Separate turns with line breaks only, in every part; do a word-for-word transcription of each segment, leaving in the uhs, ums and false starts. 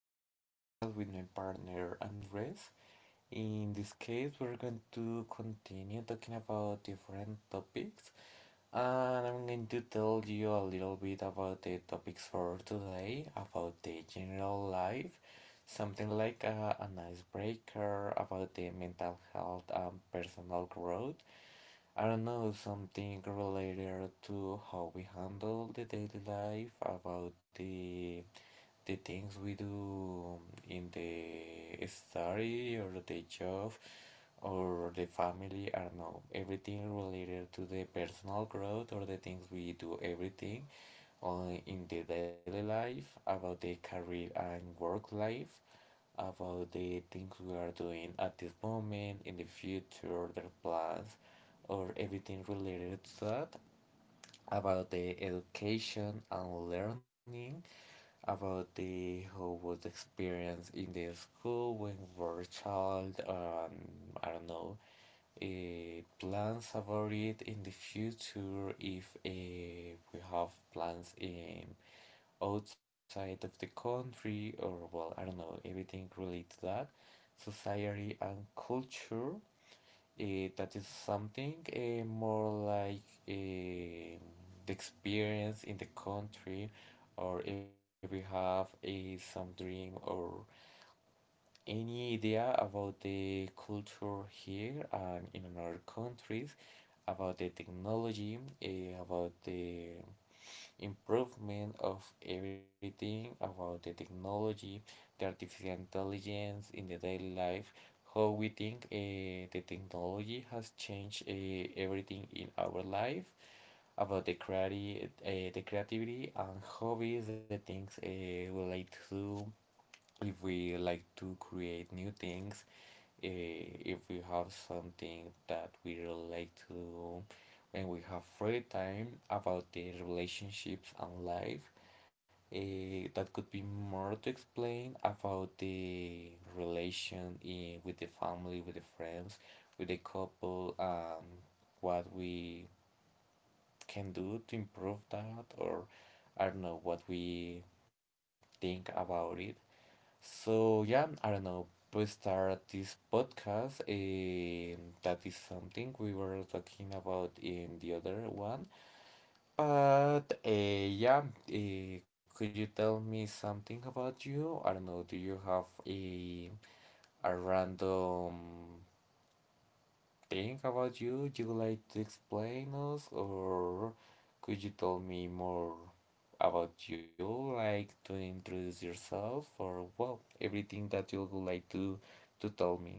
another podcast with my partner Andres. In this case, we're going to continue talking about different topics, and I'm going to tell you a little bit about the topics for today, about the general life, something like a, an icebreaker, about the mental health and personal growth. I don't know, something related to how we handle the daily life, about the the things we do in the study or the job or the family. I don't know, everything related to the personal growth or the things we do, everything on in the daily life, about the career and work life, about the things we are doing at this moment, in the future their plans or everything related to that, about the education and learning, about the how was the experience in the school when we were a child. um, I don't know, uh, plans about it in the future if uh, we have plans in outside of the country, or well, I don't know, everything related to that. Society and culture. Eh, that is something eh, more like eh, the experience in the country, or if we have a some dream or any idea about the culture here and in other countries, about the technology, eh, about the improvement of everything about the technology, the artificial intelligence in the daily life, how we think eh, the technology has changed eh, everything in our life, about the creati- eh, the creativity and hobbies, the things eh, we like to do, if we like to create new things, eh, if we have something that we relate to do when we have free time, about the relationships and life. Eh, that could be more to explain about the relation in, with the family, with the friends, with the couple, and what we can do to improve that, or I don't know what we think about it. So yeah, I don't know. We start this podcast. Um, that is something we were talking about in the other one. But uh, yeah, uh, could you tell me something about you? I don't know. Do you have a a random think about you you would like to explain us, or could you tell me more about you? Like to introduce yourself, or well, everything that you would like to to tell me.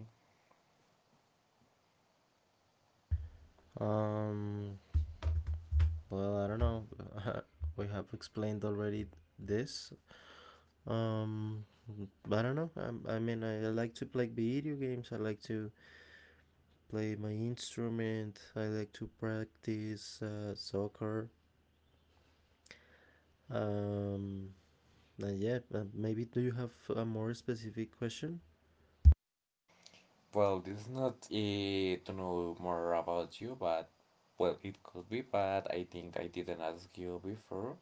Um, well, I don't know. we have explained already this. Um, I don't know. I, I mean, I, I like to play video games. I like to play my instrument. I like to practice uh, soccer. Um, and yeah, uh, maybe do you have a more specific question?
Well, this is not uh, to know more about you, but well, it could be. But I think I didn't ask you before.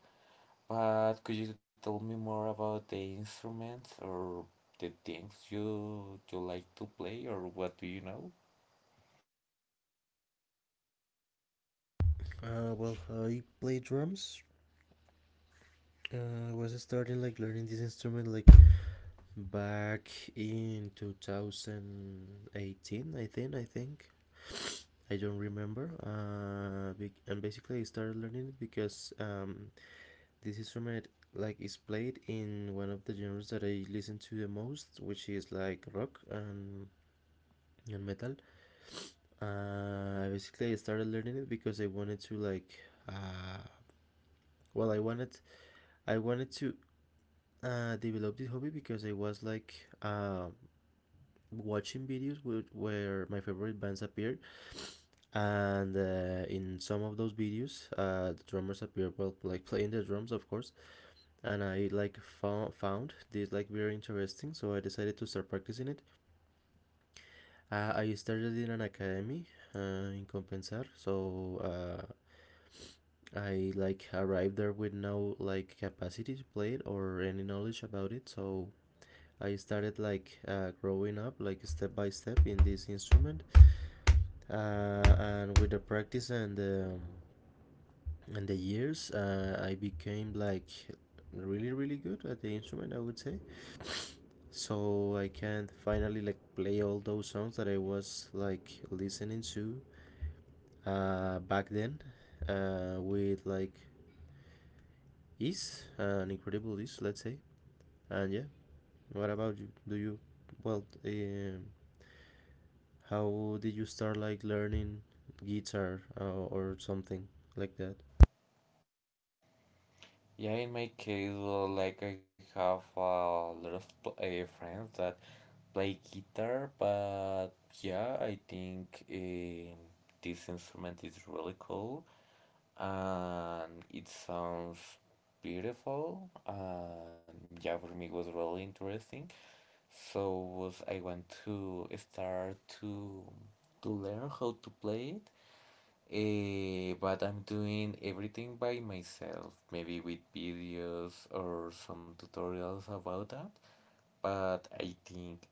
But could you tell me more about the instruments or the things you you like to play, or what do you know?
Uh, well, I play drums. Uh, I was starting like learning this instrument like back in two thousand eighteen, I think. I think I don't remember. Uh, and basically, I started learning it because um, this instrument like is played in one of the genres that I listen to the most, which is like rock and and metal. Uh, basically, I started learning it because I wanted to like. Uh, well, I wanted I wanted to uh, develop this hobby because I was like uh, watching videos with, where my favorite bands appeared and uh, in some of those videos uh, the drummers appear well like playing the drums, of course, and I like fo- found this like very interesting, so I decided to start practicing it. uh, I started in an academy, uh, in Compensar, so uh, I like arrived there with no like capacity to play it or any knowledge about it. So I started like uh, growing up, like step by step, in this instrument, uh, and with the practice and um, and the years uh, I became like really really good at the instrument, I would say, so I can finally like play all those songs that I was like listening to uh, back then uh, with like ease, uh, an incredible ease, let's say. And yeah, what about you? Do you well um, how did you start like learning guitar uh, or something like that?
Yeah, in my case, well, like I have a lot of pl uh, friends that play guitar, but yeah, I think um this instrument is really cool and it sounds beautiful. And yeah, for me, it was really interesting. So was I want to start to to learn how to play it. Eh, but I'm doing everything by myself, maybe with videos or some tutorials about that. But I think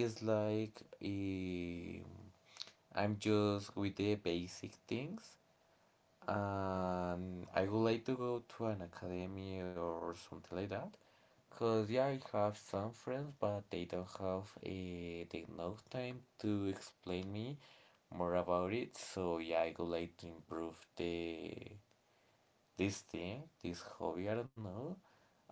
it's like eh, I'm just with the basic things, and I would like to go to an academy or something like that. Because, yeah, I have some friends, but they don't have eh, the enough time to explain me more about it. So, yeah, I would like to improve the this thing, this hobby, I don't know.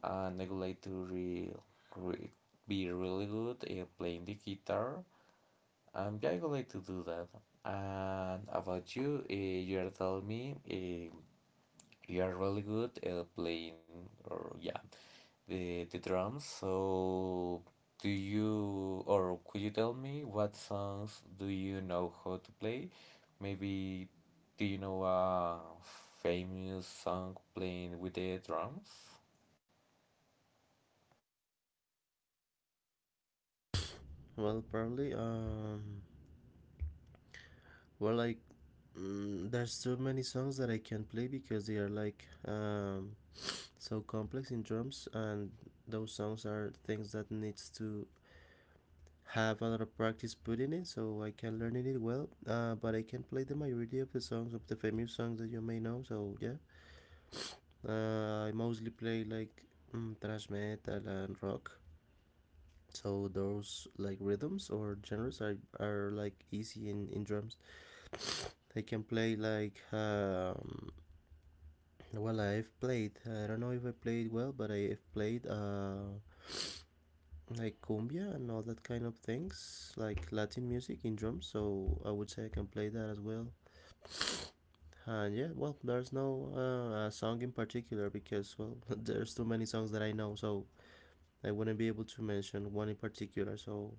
And I would like to re, re, be really good at playing the guitar. Um, yeah, I would like to do that. And about you, uh, you are telling me eh, you are really good at playing, or yeah, the the drums. So do you, or could you tell me what songs do you know how to play? Maybe do you know a famous song playing with the drums?
Well probably um well I Mm, there's so many songs that I can play because they are like um, so complex in drums, and those songs are things that needs to have a lot of practice put in it, so I can learn it well. Uh, but I can play the majority of the songs of the famous songs that you may know. So yeah, uh, I mostly play like mm, thrash metal and rock. So those like rhythms or genres are, are like easy in, in drums. I can play like um, well, I've played. uh, I don't know if I played well, but I've played uh, like cumbia and all that kind of things, like Latin music in drums. So I would say I can play that as well. And yeah, well, there's no uh, a song in particular because well, there's too many songs that I know, so I wouldn't be able to mention one in particular. So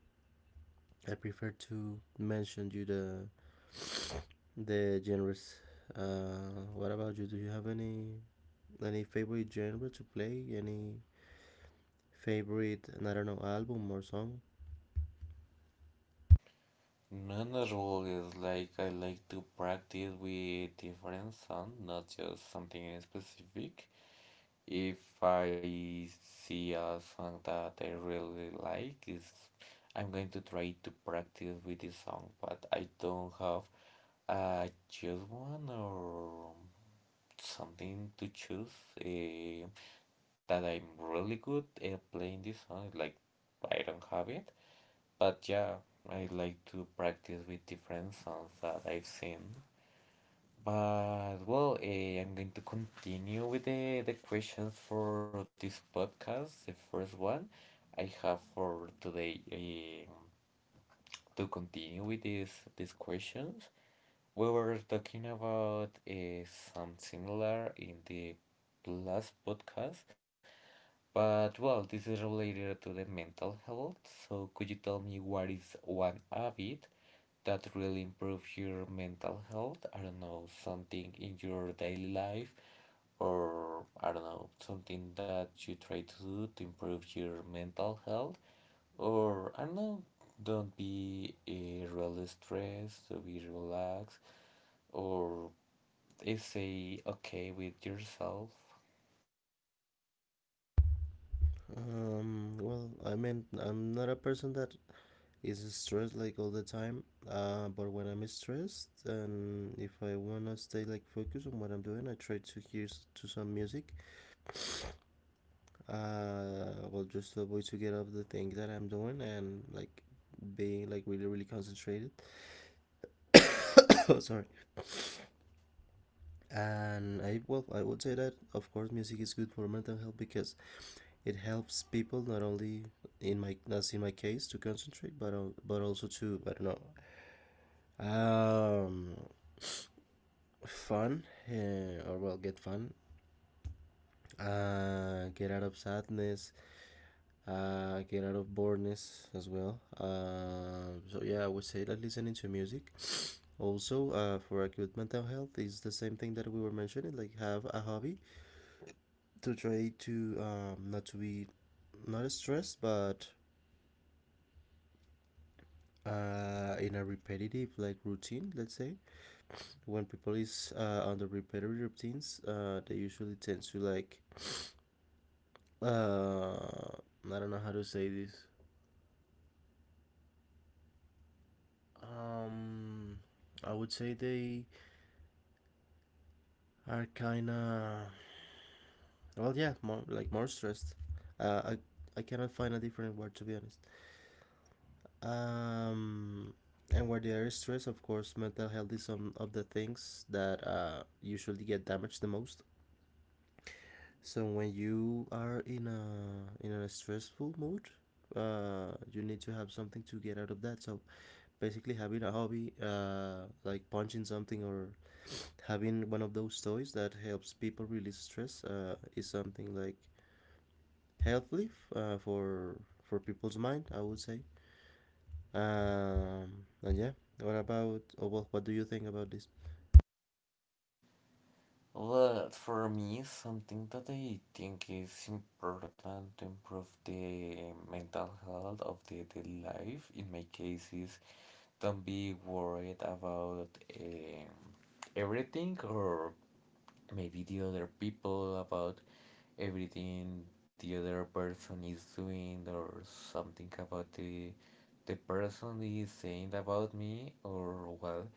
I prefer to mention you the the genres. Uh, what about you? Do you have any any favorite genre to play? Any favorite, and I don't know, album or song?
None at all. Is like I like to practice with different sound, not just something in specific. If I see a song that I really like, is I'm going to try to practice with this song, but I don't have a choose one or something to choose eh, that I'm really good at playing this song. Like I don't have it, but yeah, I like to practice with different songs that I've seen. But well, eh, I'm going to continue with the, the questions for this podcast. The first one I have for today eh, to continue with these these questions. We were talking about eh, some similar in the last podcast, but well, this is related to the mental health. So could you tell me what is one habit that really improve your mental health? I don't know, something in your daily life, or I don't know, something that you try to do to improve your mental health, or I don't know, don't be uh, really stressed, so be relaxed, or eh, say okay with yourself.
Um, well, I mean, I'm not a person that is stressed like all the time, uh, but when I'm stressed and if I wanna stay like focused on what I'm doing, I try to hear s- to some music. Uh, well, just to avoid to get off the thing that I'm doing and like being like really really concentrated. Oh, sorry. And I, well, I would say that of course music is good for mental health because it helps people not only in my that's in my case to concentrate, but al- but also to, I don't know, um fun, eh, or well, get fun, uh get out of sadness, uh get out of boredness as well. Uh so yeah, I would say that listening to music, also uh for a good mental health, is the same thing that we were mentioning, like have a hobby to try to um not to be not stressed but uh, in a repetitive like routine, let's say. When people is uh, on the repetitive routines, uh, they usually tend to like uh, I don't know how to say this. um, I would say they are kind of well, yeah, more like more stressed. uh, I, I cannot find a different word, to be honest. um, and where there is stress, of course mental health is some of the things that uh, usually get damaged the most. So when you are in a in a stressful mood, uh, you need to have something to get out of that. So basically, having a hobby, uh, like punching something or having one of those toys that helps people release stress, uh, is something like healthy, f- uh, for for people's mind, I would say. Um, and yeah, what about? Or well, what do you think about this?
But for me, something that I think is important to improve the mental health of the daily life, in my case, is don't be worried about um, everything, or maybe the other people, about everything the other person is doing, or something about the the person is saying about me, or well,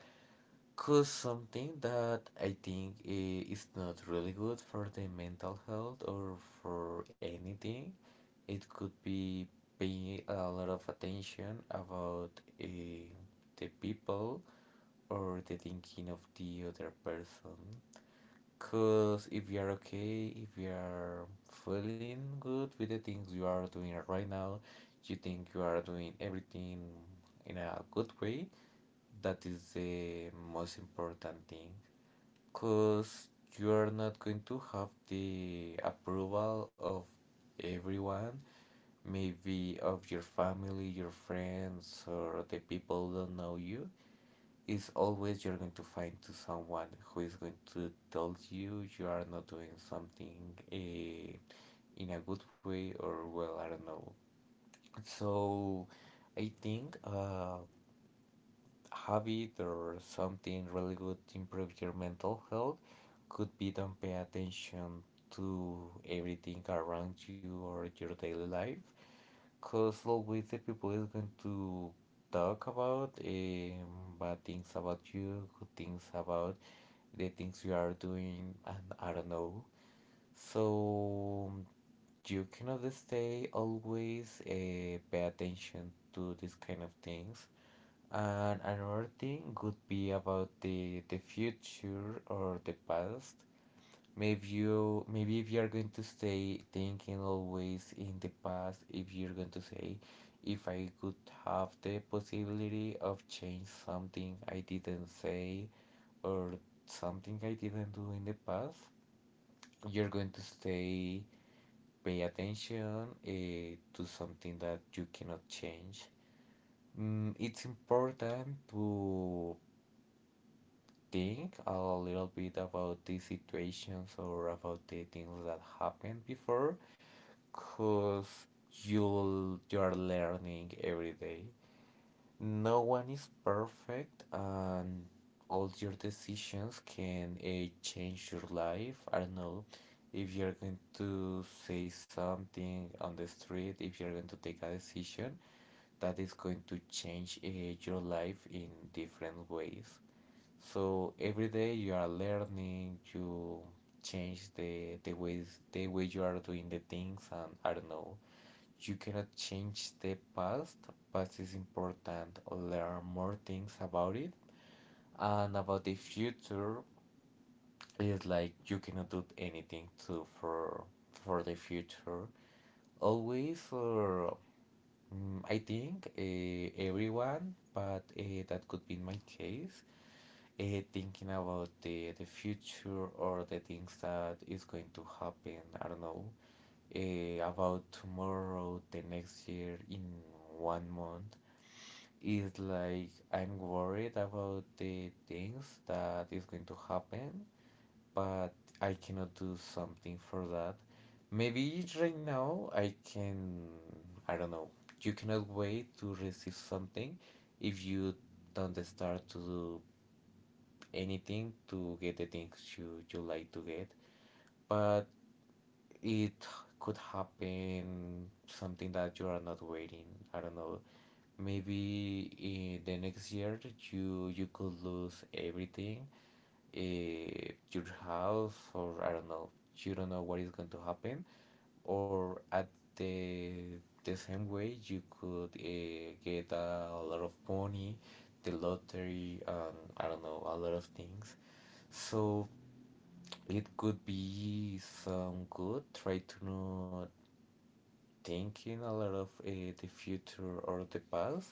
cause something that I think i- is not really good for the mental health or for anything. It could be paying a lot of attention about uh, the people or the thinking of the other person. Cause if you are okay, if you are feeling good with the things you are doing right now, you think you are doing everything in a good way, that is the most important thing, because you are not going to have the approval of everyone, maybe of your family, your friends, or the people who don't know you. It's always you're going to find to someone who is going to tell you you are not doing something uh, in a good way or well, I don't know. So I think uh, habit or something really good to improve your mental health could be don't pay attention to everything around you or your daily life, because always the people is going to talk about um, bad things about you, good things about the things you are doing, and I don't know. So you cannot stay always uh, pay attention to these kind of things. And another thing could be about the the future or the past. Maybe you, maybe if you're going to stay thinking always in the past, if you're going to say, if I could have the possibility of change something I didn't say, or something I didn't do in the past, you're going to stay pay attention eh, to something that you cannot change. Mm, it's important to think a little bit about these situations, or about the things that happened before, because you you're learning every day. No one is perfect, and all your decisions can uh, change your life. I don't know, if you're going to say something on the street, if you're going to take a decision that is going to change uh, your life in different ways. So every day you are learning, you change the the ways, the way you are doing the things, and I don't know. You cannot change the past, but it's important learn more things about it. And about the future, it's like you cannot do anything to for for the future. Always or mm, I think uh, everyone, but uh, that could be my case. uh, Thinking about the, the future or the things that is going to happen, I don't know. Eh, about tomorrow, the next year, in one month, is like I'm worried about the things that is going to happen, but I cannot do something for that. Maybe right now I can, I don't know, you cannot wait to receive something if you don't start to do anything to get the things you, you like to get, but it could happen something that you are not waiting. I don't know. Maybe in the next year you you could lose everything, eh, your house, or I don't know. You don't know what is going to happen, or at the the same way you could uh, get a, lot of money, the lottery, and I don't know, a lot of things. So it could be some good. Try to not thinking a lot of uh, the future or the past.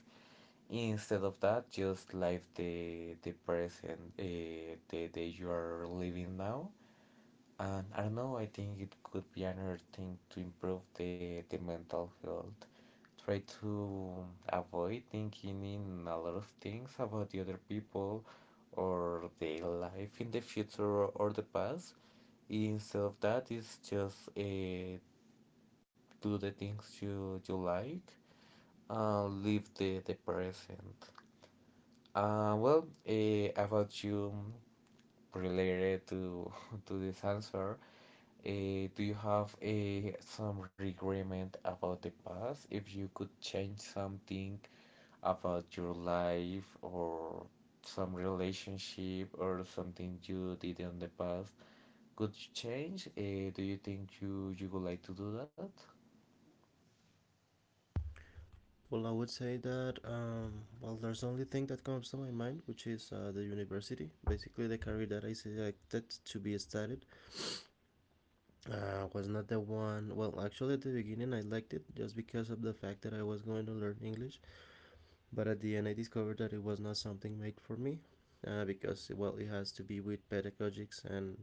Instead of that, just live the the present, uh, the day you are living now. And I don't know. I think it could be another thing to improve the the mental health. Try to avoid thinking in a lot of things about the other people or their life in the future or the past. Instead of that, it's just uh, do the things you, you like, and live the, the present. Uh, well, uh, about you related to to this answer, uh, do you have uh, some regret about the past? If you could change something about your life or some relationship or something you did in the past, could you change? Uh, do you think you you would like to do that?
Well, I would say that um, well, there's only thing that comes to my mind, which is uh, the university. Basically, the career that I selected to be studied uh, was not the one. Well, actually, at the beginning, I liked it just because of the fact that I was going to learn English. But at the end, I discovered that it was not something made for me, uh, because well, it has to be with pedagogics and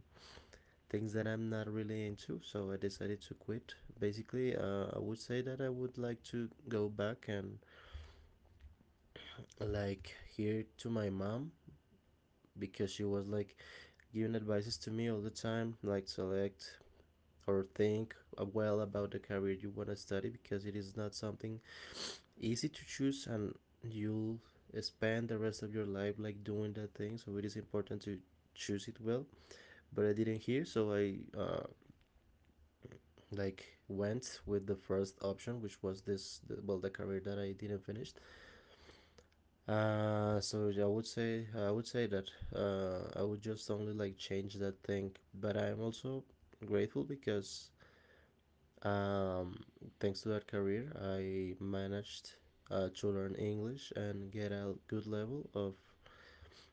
things that I'm not really into. So I decided to quit. Basically, uh, I would say that I would like to go back and like here to my mom, because she was like giving advices to me all the time, like select or think well about the career you want to study, because it is not something easy to choose, and you'll spend the rest of your life like doing that thing, so it is important to choose it well. But I didn't hear, so I, uh, like went with the first option, which was this, the, well, the career that I didn't finish. Uh, so I would say I would say that uh, I would just only like change that thing, but I am also grateful because um, thanks to that career, I managed uh, to learn English and get a good level of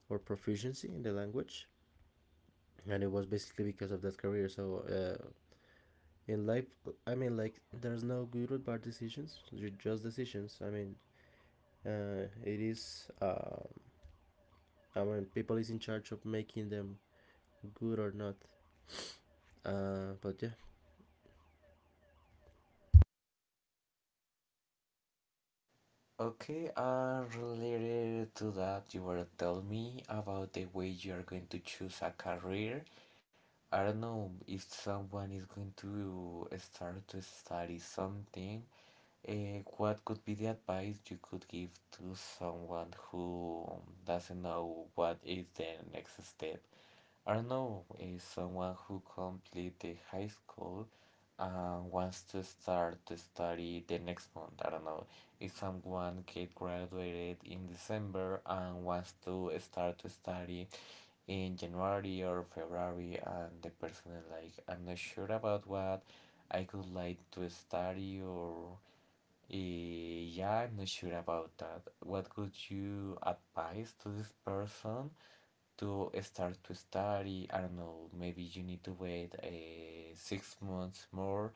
or proficiency in the language, and it was basically because of that career. So uh, in life, I mean, like there's no good or bad decisions, ju- just decisions. I mean, uh, it is. Um I mean, people is in charge of making them good or not. Uh, but yeah,
Okay, uh, related to that, you were telling me about the way you are going to choose a career. I don't know if someone is going to start to study something. Uh, what could be the advice you could give to someone who doesn't know what is the next step? Arno is someone who completed high school and wants to start to study the next month. I don't know. Is someone get graduated in December and wants to start to study in January or February. And the person is like, I'm not sure about what I could like to study or eh, yeah, I'm not sure about that. What could you advise to this person? To start to study. I don't know, maybe you need to wait uh, six months more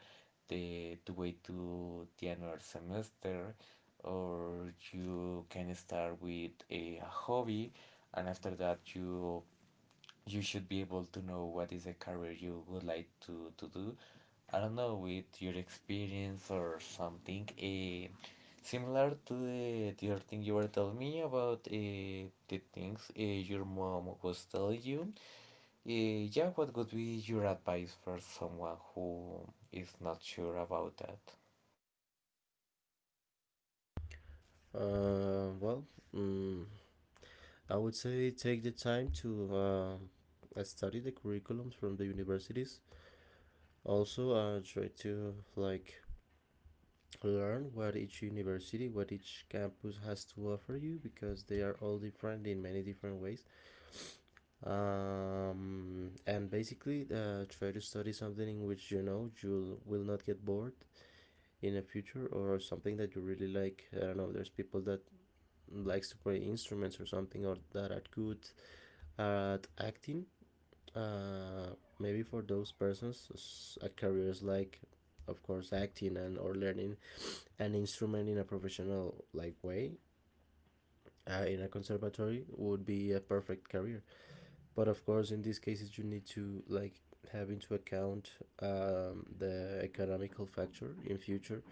the, to wait to the another semester, or you can start with a hobby, and after that you you should be able to know what is the career you would like to, to do. I don't know, with your experience or something eh, similar to the, the other thing you were telling me about eh, the things eh, your mom was telling you. Eh, yeah, what would be your advice for someone who is not sure about that?
uh, well, mm, I would say take the time to uh, study the curriculums from the universities. Also, uh, try to like learn what each university, what each campus has to offer you, because they are all different in many different ways. Um, and basically, uh, try to study something in which you know you will not get bored in the future, or something that you really like. I don't know, there's people that likes to play instruments or something, or that are good at acting. uh, Maybe for those persons a career is like, of course, acting, and or learning an instrument in a professional like way, uh, in a conservatory, would be a perfect career. But of course, in these cases, you need to like have into account um, the economical factor in future.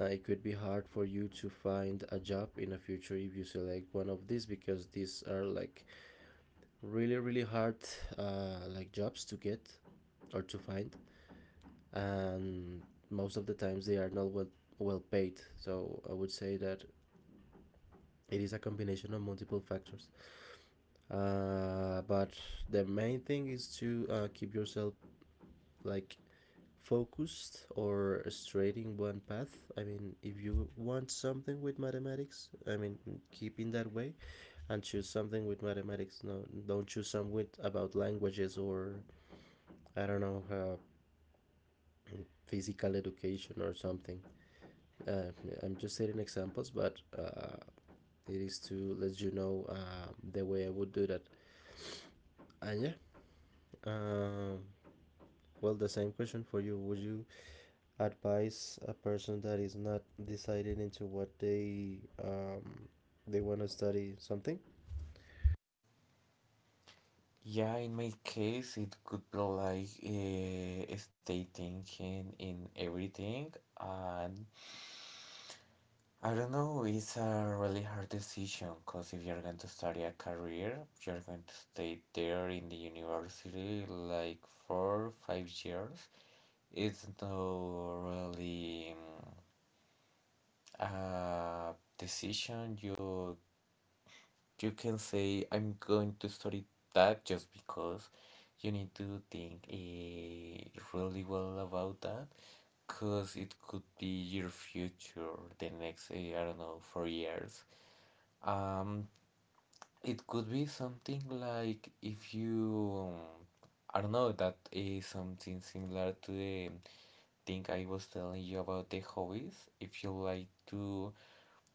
uh, It could be hard for you to find a job in the future if you select one of these, because these are like really really hard, uh, like jobs to get or to find, and most of the times they are not well well paid. So I would say that it is a combination of multiple factors, uh, but the main thing is to uh, keep yourself like focused or straight in one path. I mean, if you want something with mathematics, I mean, keep in that way and choose something with mathematics. No, don't choose some with about languages or I don't know, uh, physical education or something. Uh, I'm just setting examples, but uh, it is to let you know uh, the way I would do that. And yeah, um, well, the same question for you. Would you advise a person that is not decided into what they, um, they want to study something?
Yeah, in my case, it could be like uh, stay thinking in everything and I don't know, it's a really hard decision because if you're going to study a career, you're going to stay there in the university like four, five years. It's no really mm, a decision you you can say I'm going to study that just because you need to think eh, really well about that because it could be your future the next eh, I don't know four years. Um, It could be something like if you, um, I don't know, that is something similar to the thing I was telling you about the hobbies. If you like to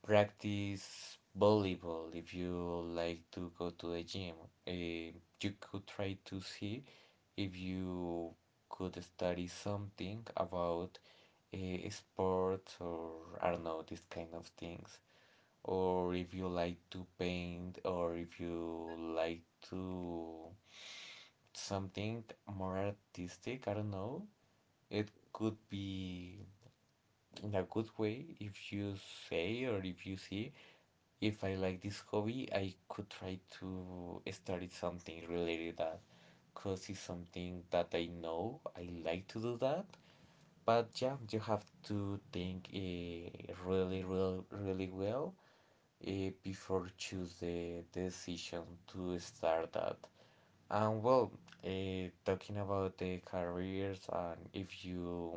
practice volleyball, if you like to go to the gym, eh, you could try to see if you could study something about eh, sports or I don't know, these kind of things, or if you like to paint or if you like to something more artistic, I don't know. It could be in a good way if you say or if you see if I like this hobby, I could try to start something related to that because it's something that I know I like to do that. But yeah, you have to think uh, really, really, really well eh, before choose the decision to start that. And well, uh, talking about the careers and if you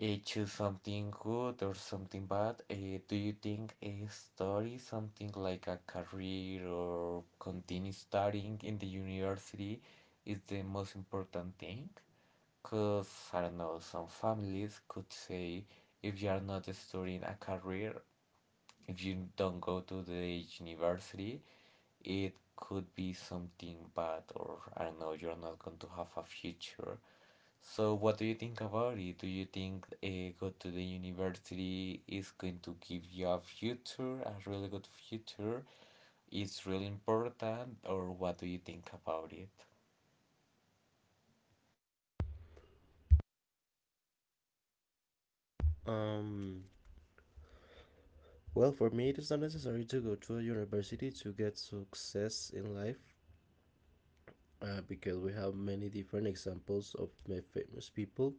eh, choose something good or something bad, eh, do you think a study something like a career or continue studying in the university is the most important thing? Because I don't know, some families could say if you are not studying a career, if you don't go to the university, it could be something bad, or I don't know, you're not going to have a future. So, what do you think about it? Do you think uh, go to the university is going to give you a future, a really good future? It's really important, or what do you think about it?
Um, well, for me, it is not necessary to go to a university to get success in life. Uh, because we have many different examples of famous people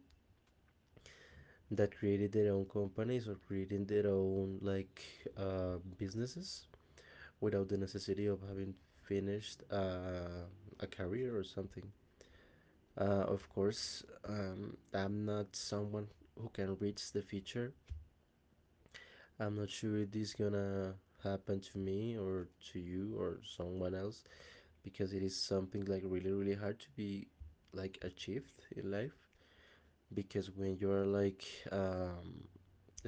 that created their own companies or creating their own like uh, businesses without the necessity of having finished uh, a career or something. Uh, of course, um, I'm not someone who can reach the future. I'm not sure if this is gonna happen to me or to you or someone else, because it is something like really really hard to be like achieved in life. Because when you are like um,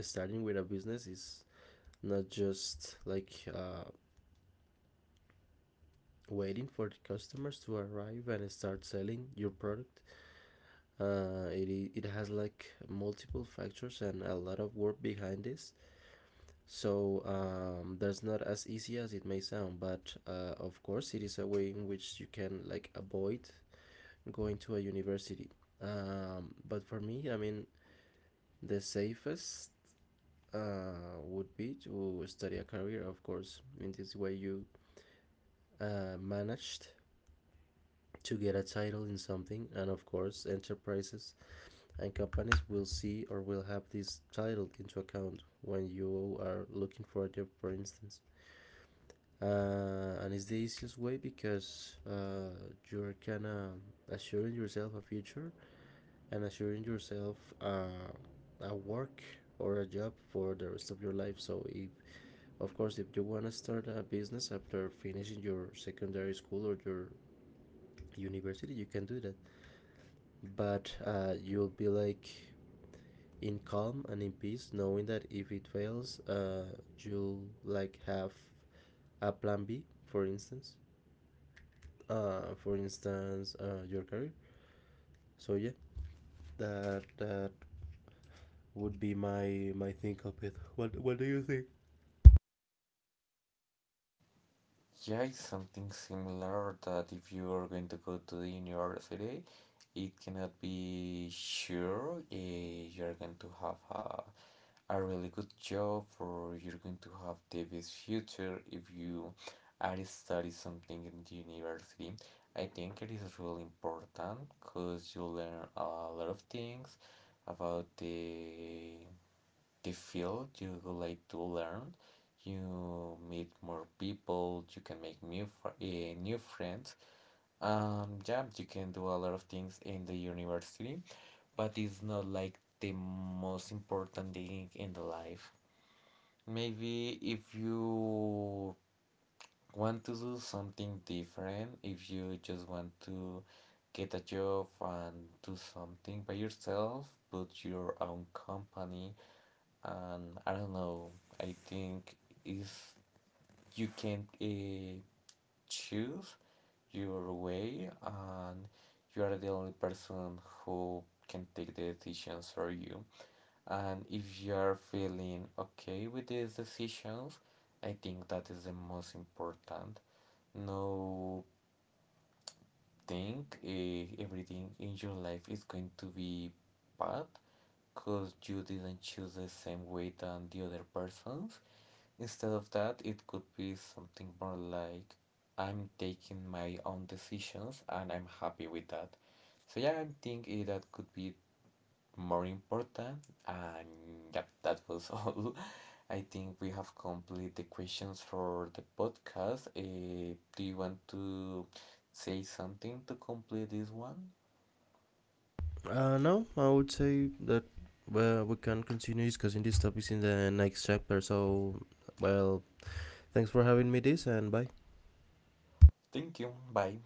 starting with a business, is not just like uh, waiting for the customers to arrive and start selling your product. Uh, it, it has like multiple factors and a lot of work behind this. So um, that's not as easy as it may sound, but uh, of course, it is a way in which you can like avoid going to a university. Um, but for me, I mean, the safest uh, would be to study a career, of course. In this way, you uh, managed to get a title in something, and of course enterprises and companies will see or will have this title into account when you are looking for a job, for instance. Uh, and it's the easiest way, because uh, you're kind of assuring yourself a future and assuring yourself uh, a work or a job for the rest of your life. So, if, of course, if you want to start a business after finishing your secondary school or your university, you can do that, but uh, you'll be like in calm and in peace knowing that if it fails, uh, you'll like have a plan B, for instance, uh, for instance uh, your career. So yeah, that that would be my my think of it. What what do you think?
Yeah, it's something similar that if you are going to go to the university, it cannot be sure uh, you're going to have a a really good job or you're going to have the best future if you are study something in the university. I think it is really important because you learn a lot of things about the the field you would like to learn. You meet more people, you can make new fr eh, new friends. Um, yeah, you can do a lot of things in the university, but it's not like the most important thing in the life. Maybe if you want to do something different, if you just want to get a job and do something by yourself, put your own company, and I don't know, I think if you can uh, choose your way and you are the only person who can take the decisions for you. And if you're feeling okay with these decisions, I think that is the most important. No think eh, everything in your life is going to be bad because you didn't choose the same way than the other persons. Instead of that, it could be something more like I'm taking my own decisions and I'm happy with that. So yeah, I think eh, that could be more important. And yeah, that was all. I think we have completed the questions for the podcast. Uh, do you want to say something to complete this one?
Uh no, I would say that well, we can continue discussing these topics in the next chapter. So well, thanks for having me this, and bye.
Thank you. Bye.